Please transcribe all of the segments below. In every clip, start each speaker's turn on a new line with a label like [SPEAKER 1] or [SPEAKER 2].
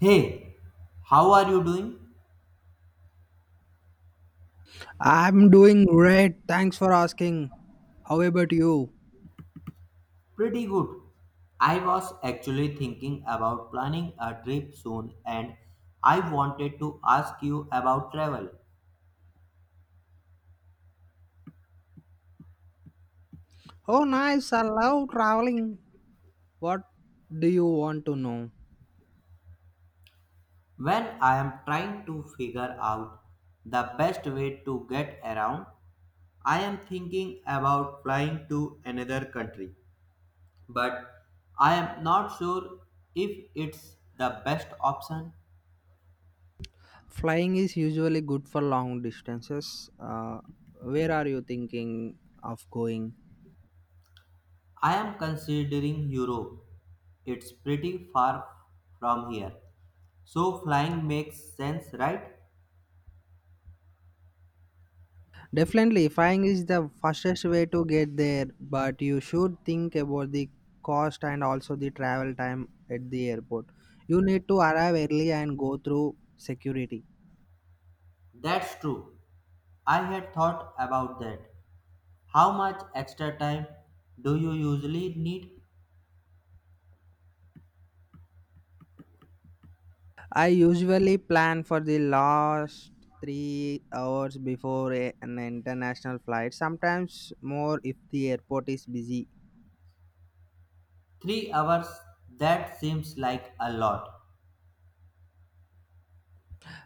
[SPEAKER 1] Hey, how are you doing?
[SPEAKER 2] I'm doing great. Thanks for asking. How about you?
[SPEAKER 1] Pretty good. I was actually thinking about planning a trip soon and I wanted to ask you about travel.
[SPEAKER 2] Oh, nice. I love traveling. What do you want to know?
[SPEAKER 1] When I am trying to figure out the best way to get around, I am thinking about flying to another country, but I am not sure if it's the best option.
[SPEAKER 2] Flying is usually good for long distances. Where are you thinking of going?
[SPEAKER 1] I am considering Europe. It's pretty far from here. So flying makes sense, right?
[SPEAKER 2] Definitely, flying is the fastest way to get there, but you should think about the cost and also the travel time at the airport. You need to arrive early and go through security.
[SPEAKER 1] That's true. I had thought about that. How much extra time do you usually need?
[SPEAKER 2] I usually plan for the last 3 hours before an international flight, sometimes more if the airport is busy.
[SPEAKER 1] 3 hours? That seems like a lot.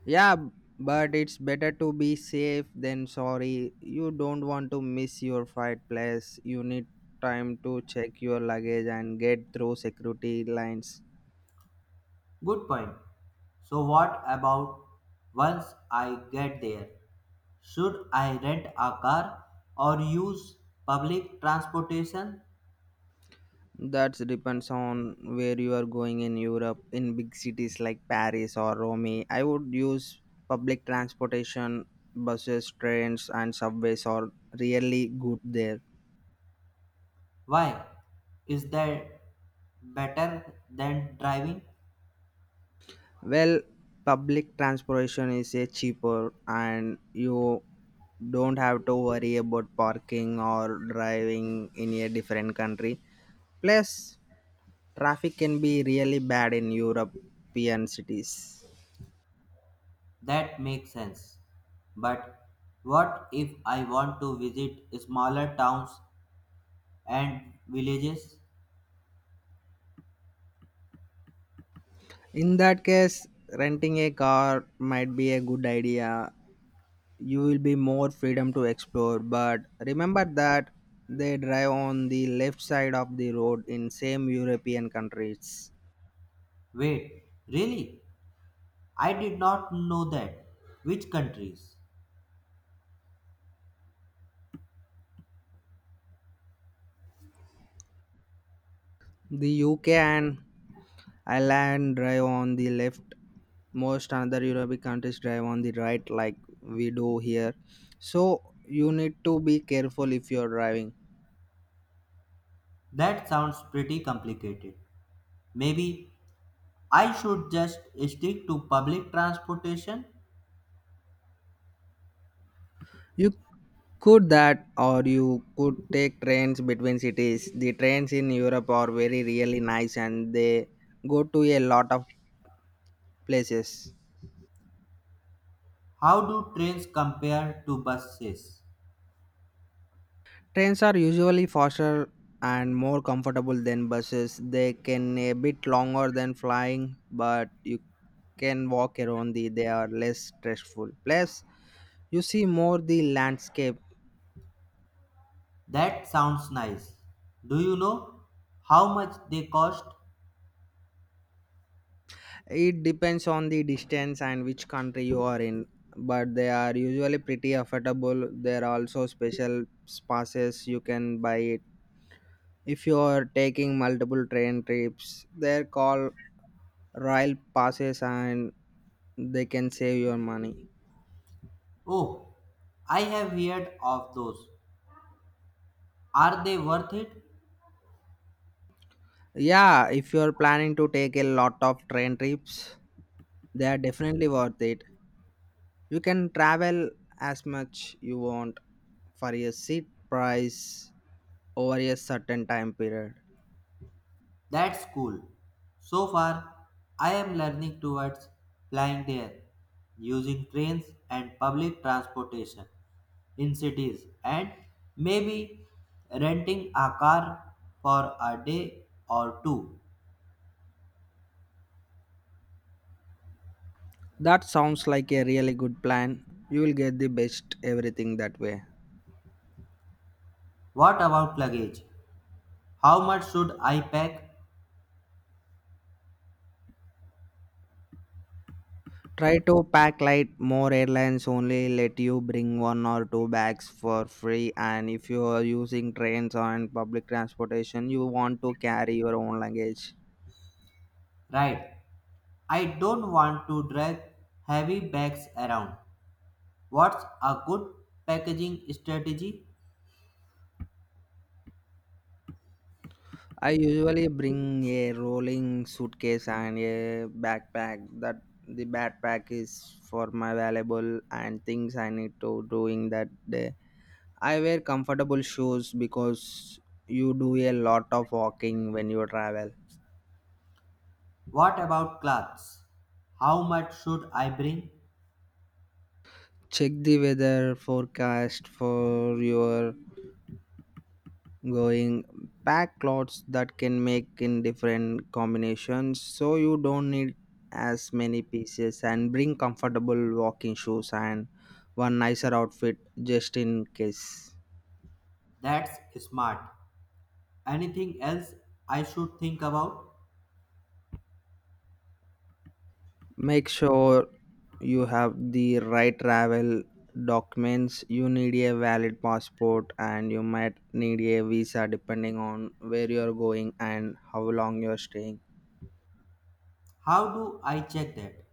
[SPEAKER 2] Yeah, but it's better to be safe than sorry. You don't want to miss your flight, place. You need time to check your luggage and get through security lines.
[SPEAKER 1] Good point. So what about once I get there? Should I rent a car or use public transportation?
[SPEAKER 2] That depends on where you are going in Europe. In big cities like Paris or Rome, I would use public transportation, buses, trains, and subways are really good there.
[SPEAKER 1] Why? Is that better than driving?
[SPEAKER 2] Well, public transportation is a cheaper, and you don't have to worry about parking or driving in a different country. Plus, traffic can be really bad in European cities.
[SPEAKER 1] That makes sense. But what if I want to visit smaller towns and villages?
[SPEAKER 2] In that case, renting a car might be a good idea. You will be more freedom to explore, but remember that they drive on the left side of the road in same European countries.
[SPEAKER 1] Wait, really? I did not know that. Which countries?
[SPEAKER 2] The UK and Ireland drive on the left. Most other European countries drive on the right, like we do here. So you need to be careful if you're driving.
[SPEAKER 1] That sounds pretty complicated. Maybe I should just stick to public transportation?
[SPEAKER 2] You Could that, or you could take trains between cities. The trains in Europe are very really nice and they go to a lot of places.
[SPEAKER 1] How do trains compare to buses?
[SPEAKER 2] Trains are usually faster and more comfortable than buses. They can a bit longer than flying, but you can walk around the they are less stressful. Plus, you see more the landscape.
[SPEAKER 1] That sounds nice. Do you know how much they cost?
[SPEAKER 2] It depends on the distance and which country you are in, but they are usually pretty affordable. There are also special passes you can buy it. If you are taking multiple train trips, they're called rail passes and they can save your money.
[SPEAKER 1] Oh, I have heard of those. Are they worth it?
[SPEAKER 2] Yeah, if you're planning to take a lot of train trips, they are definitely worth it. You can travel as much you want for a seat price over a certain time period.
[SPEAKER 1] That's cool. So far, I am learning towards flying there, using trains and public transportation in cities, and maybe renting a car for a day or two.
[SPEAKER 2] That sounds like a really good plan. You will get the best everything that way.
[SPEAKER 1] What about luggage? How much should I pack?
[SPEAKER 2] Try to pack light. More airlines only let you bring one or two bags for free. And if you are using trains and public transportation, you want to carry your own luggage.
[SPEAKER 1] Right. I don't want to drag heavy bags around. What's a good packaging strategy?
[SPEAKER 2] I usually bring a rolling suitcase and a backpack. That the backpack is for my valuable and things I need to doing that day. I wear comfortable shoes because you do a lot of walking when you travel.
[SPEAKER 1] What about clothes? How much should I bring?
[SPEAKER 2] Check the weather forecast for your going. Pack clothes that can make in different combinations so you don't need as many pieces and bring comfortable walking shoes and one nicer outfit just in case.
[SPEAKER 1] That's smart. Anything else I should think about?
[SPEAKER 2] Make sure you have the right travel documents. You need a valid passport and you might need a visa depending on where you're going and how long you're staying.
[SPEAKER 1] How do I check that?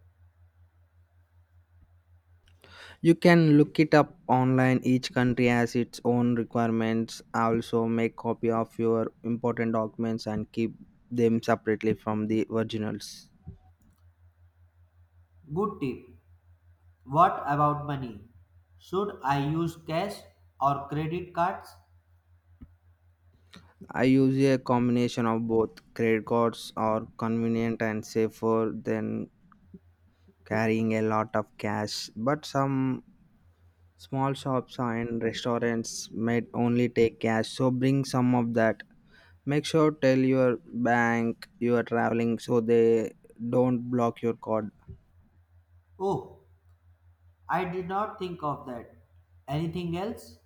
[SPEAKER 2] You can look it up online. Each country has its own requirements. Also, make copy of your important documents and keep them separately from the originals.
[SPEAKER 1] Good tip. What about money? Should I use cash or credit cards?
[SPEAKER 2] I use a combination of both credit cards are convenient and safer than carrying a lot of cash, but some small shops and restaurants might only take cash, so bring some of that. Make sure tell your bank you are traveling so they don't block your card.
[SPEAKER 1] Oh, I did not think of that. Anything else?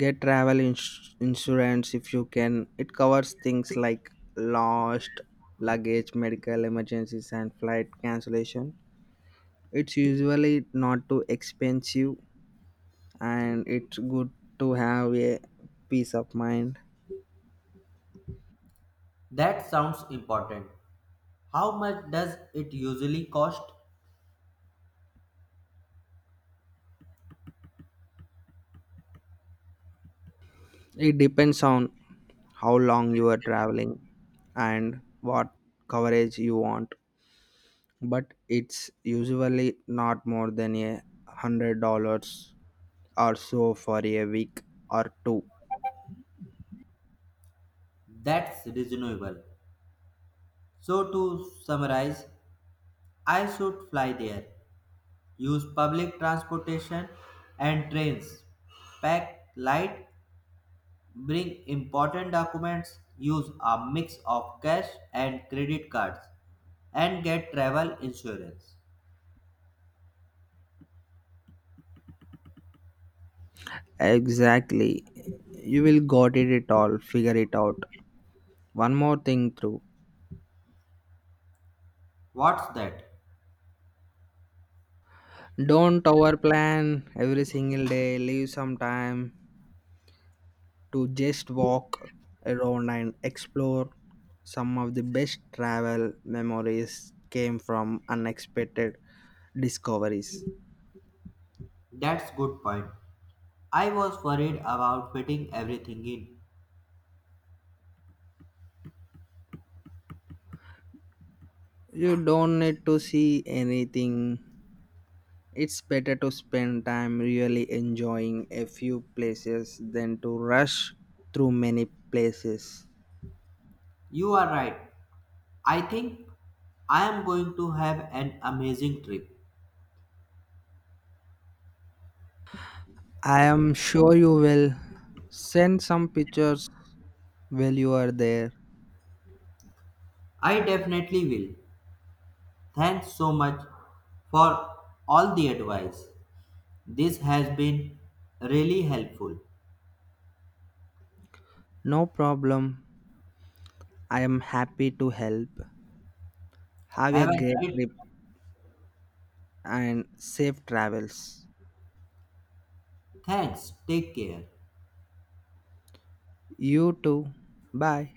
[SPEAKER 2] Get travel insurance if you can. It covers things like lost luggage, medical emergencies, and flight cancellation. It's usually not too expensive and it's good to have a peace of mind.
[SPEAKER 1] That sounds important. How much does it usually cost?
[SPEAKER 2] It depends on how long you are traveling and what coverage you want, but it's usually not more than $100 or so for a week or two.
[SPEAKER 1] That's reasonable. So, to summarize, I should fly there, use public transportation and trains, pack light, bring important documents, use a mix of cash and credit cards, and get travel insurance.
[SPEAKER 2] Exactly. You will got it, it all, figure it out. One more thing through.
[SPEAKER 1] What's that?
[SPEAKER 2] Don't overplan every single day, leave some time to just walk around and explore. Some of the best travel memories came from unexpected discoveries.
[SPEAKER 1] That's good point. I was worried about fitting everything in.
[SPEAKER 2] You don't need to see anything. It's better to spend time really enjoying a few places than to rush through many places.
[SPEAKER 1] You are right. I think I am going to have an amazing trip.
[SPEAKER 2] I am sure you will send some pictures while you are there.
[SPEAKER 1] I definitely will. Thanks so much for all the advice. This has been really helpful.
[SPEAKER 2] No problem. I am happy to help. Have a
[SPEAKER 1] Have a
[SPEAKER 2] great
[SPEAKER 1] great
[SPEAKER 2] trip. And safe travels.
[SPEAKER 1] thanks. Take care.
[SPEAKER 2] You too. Bye.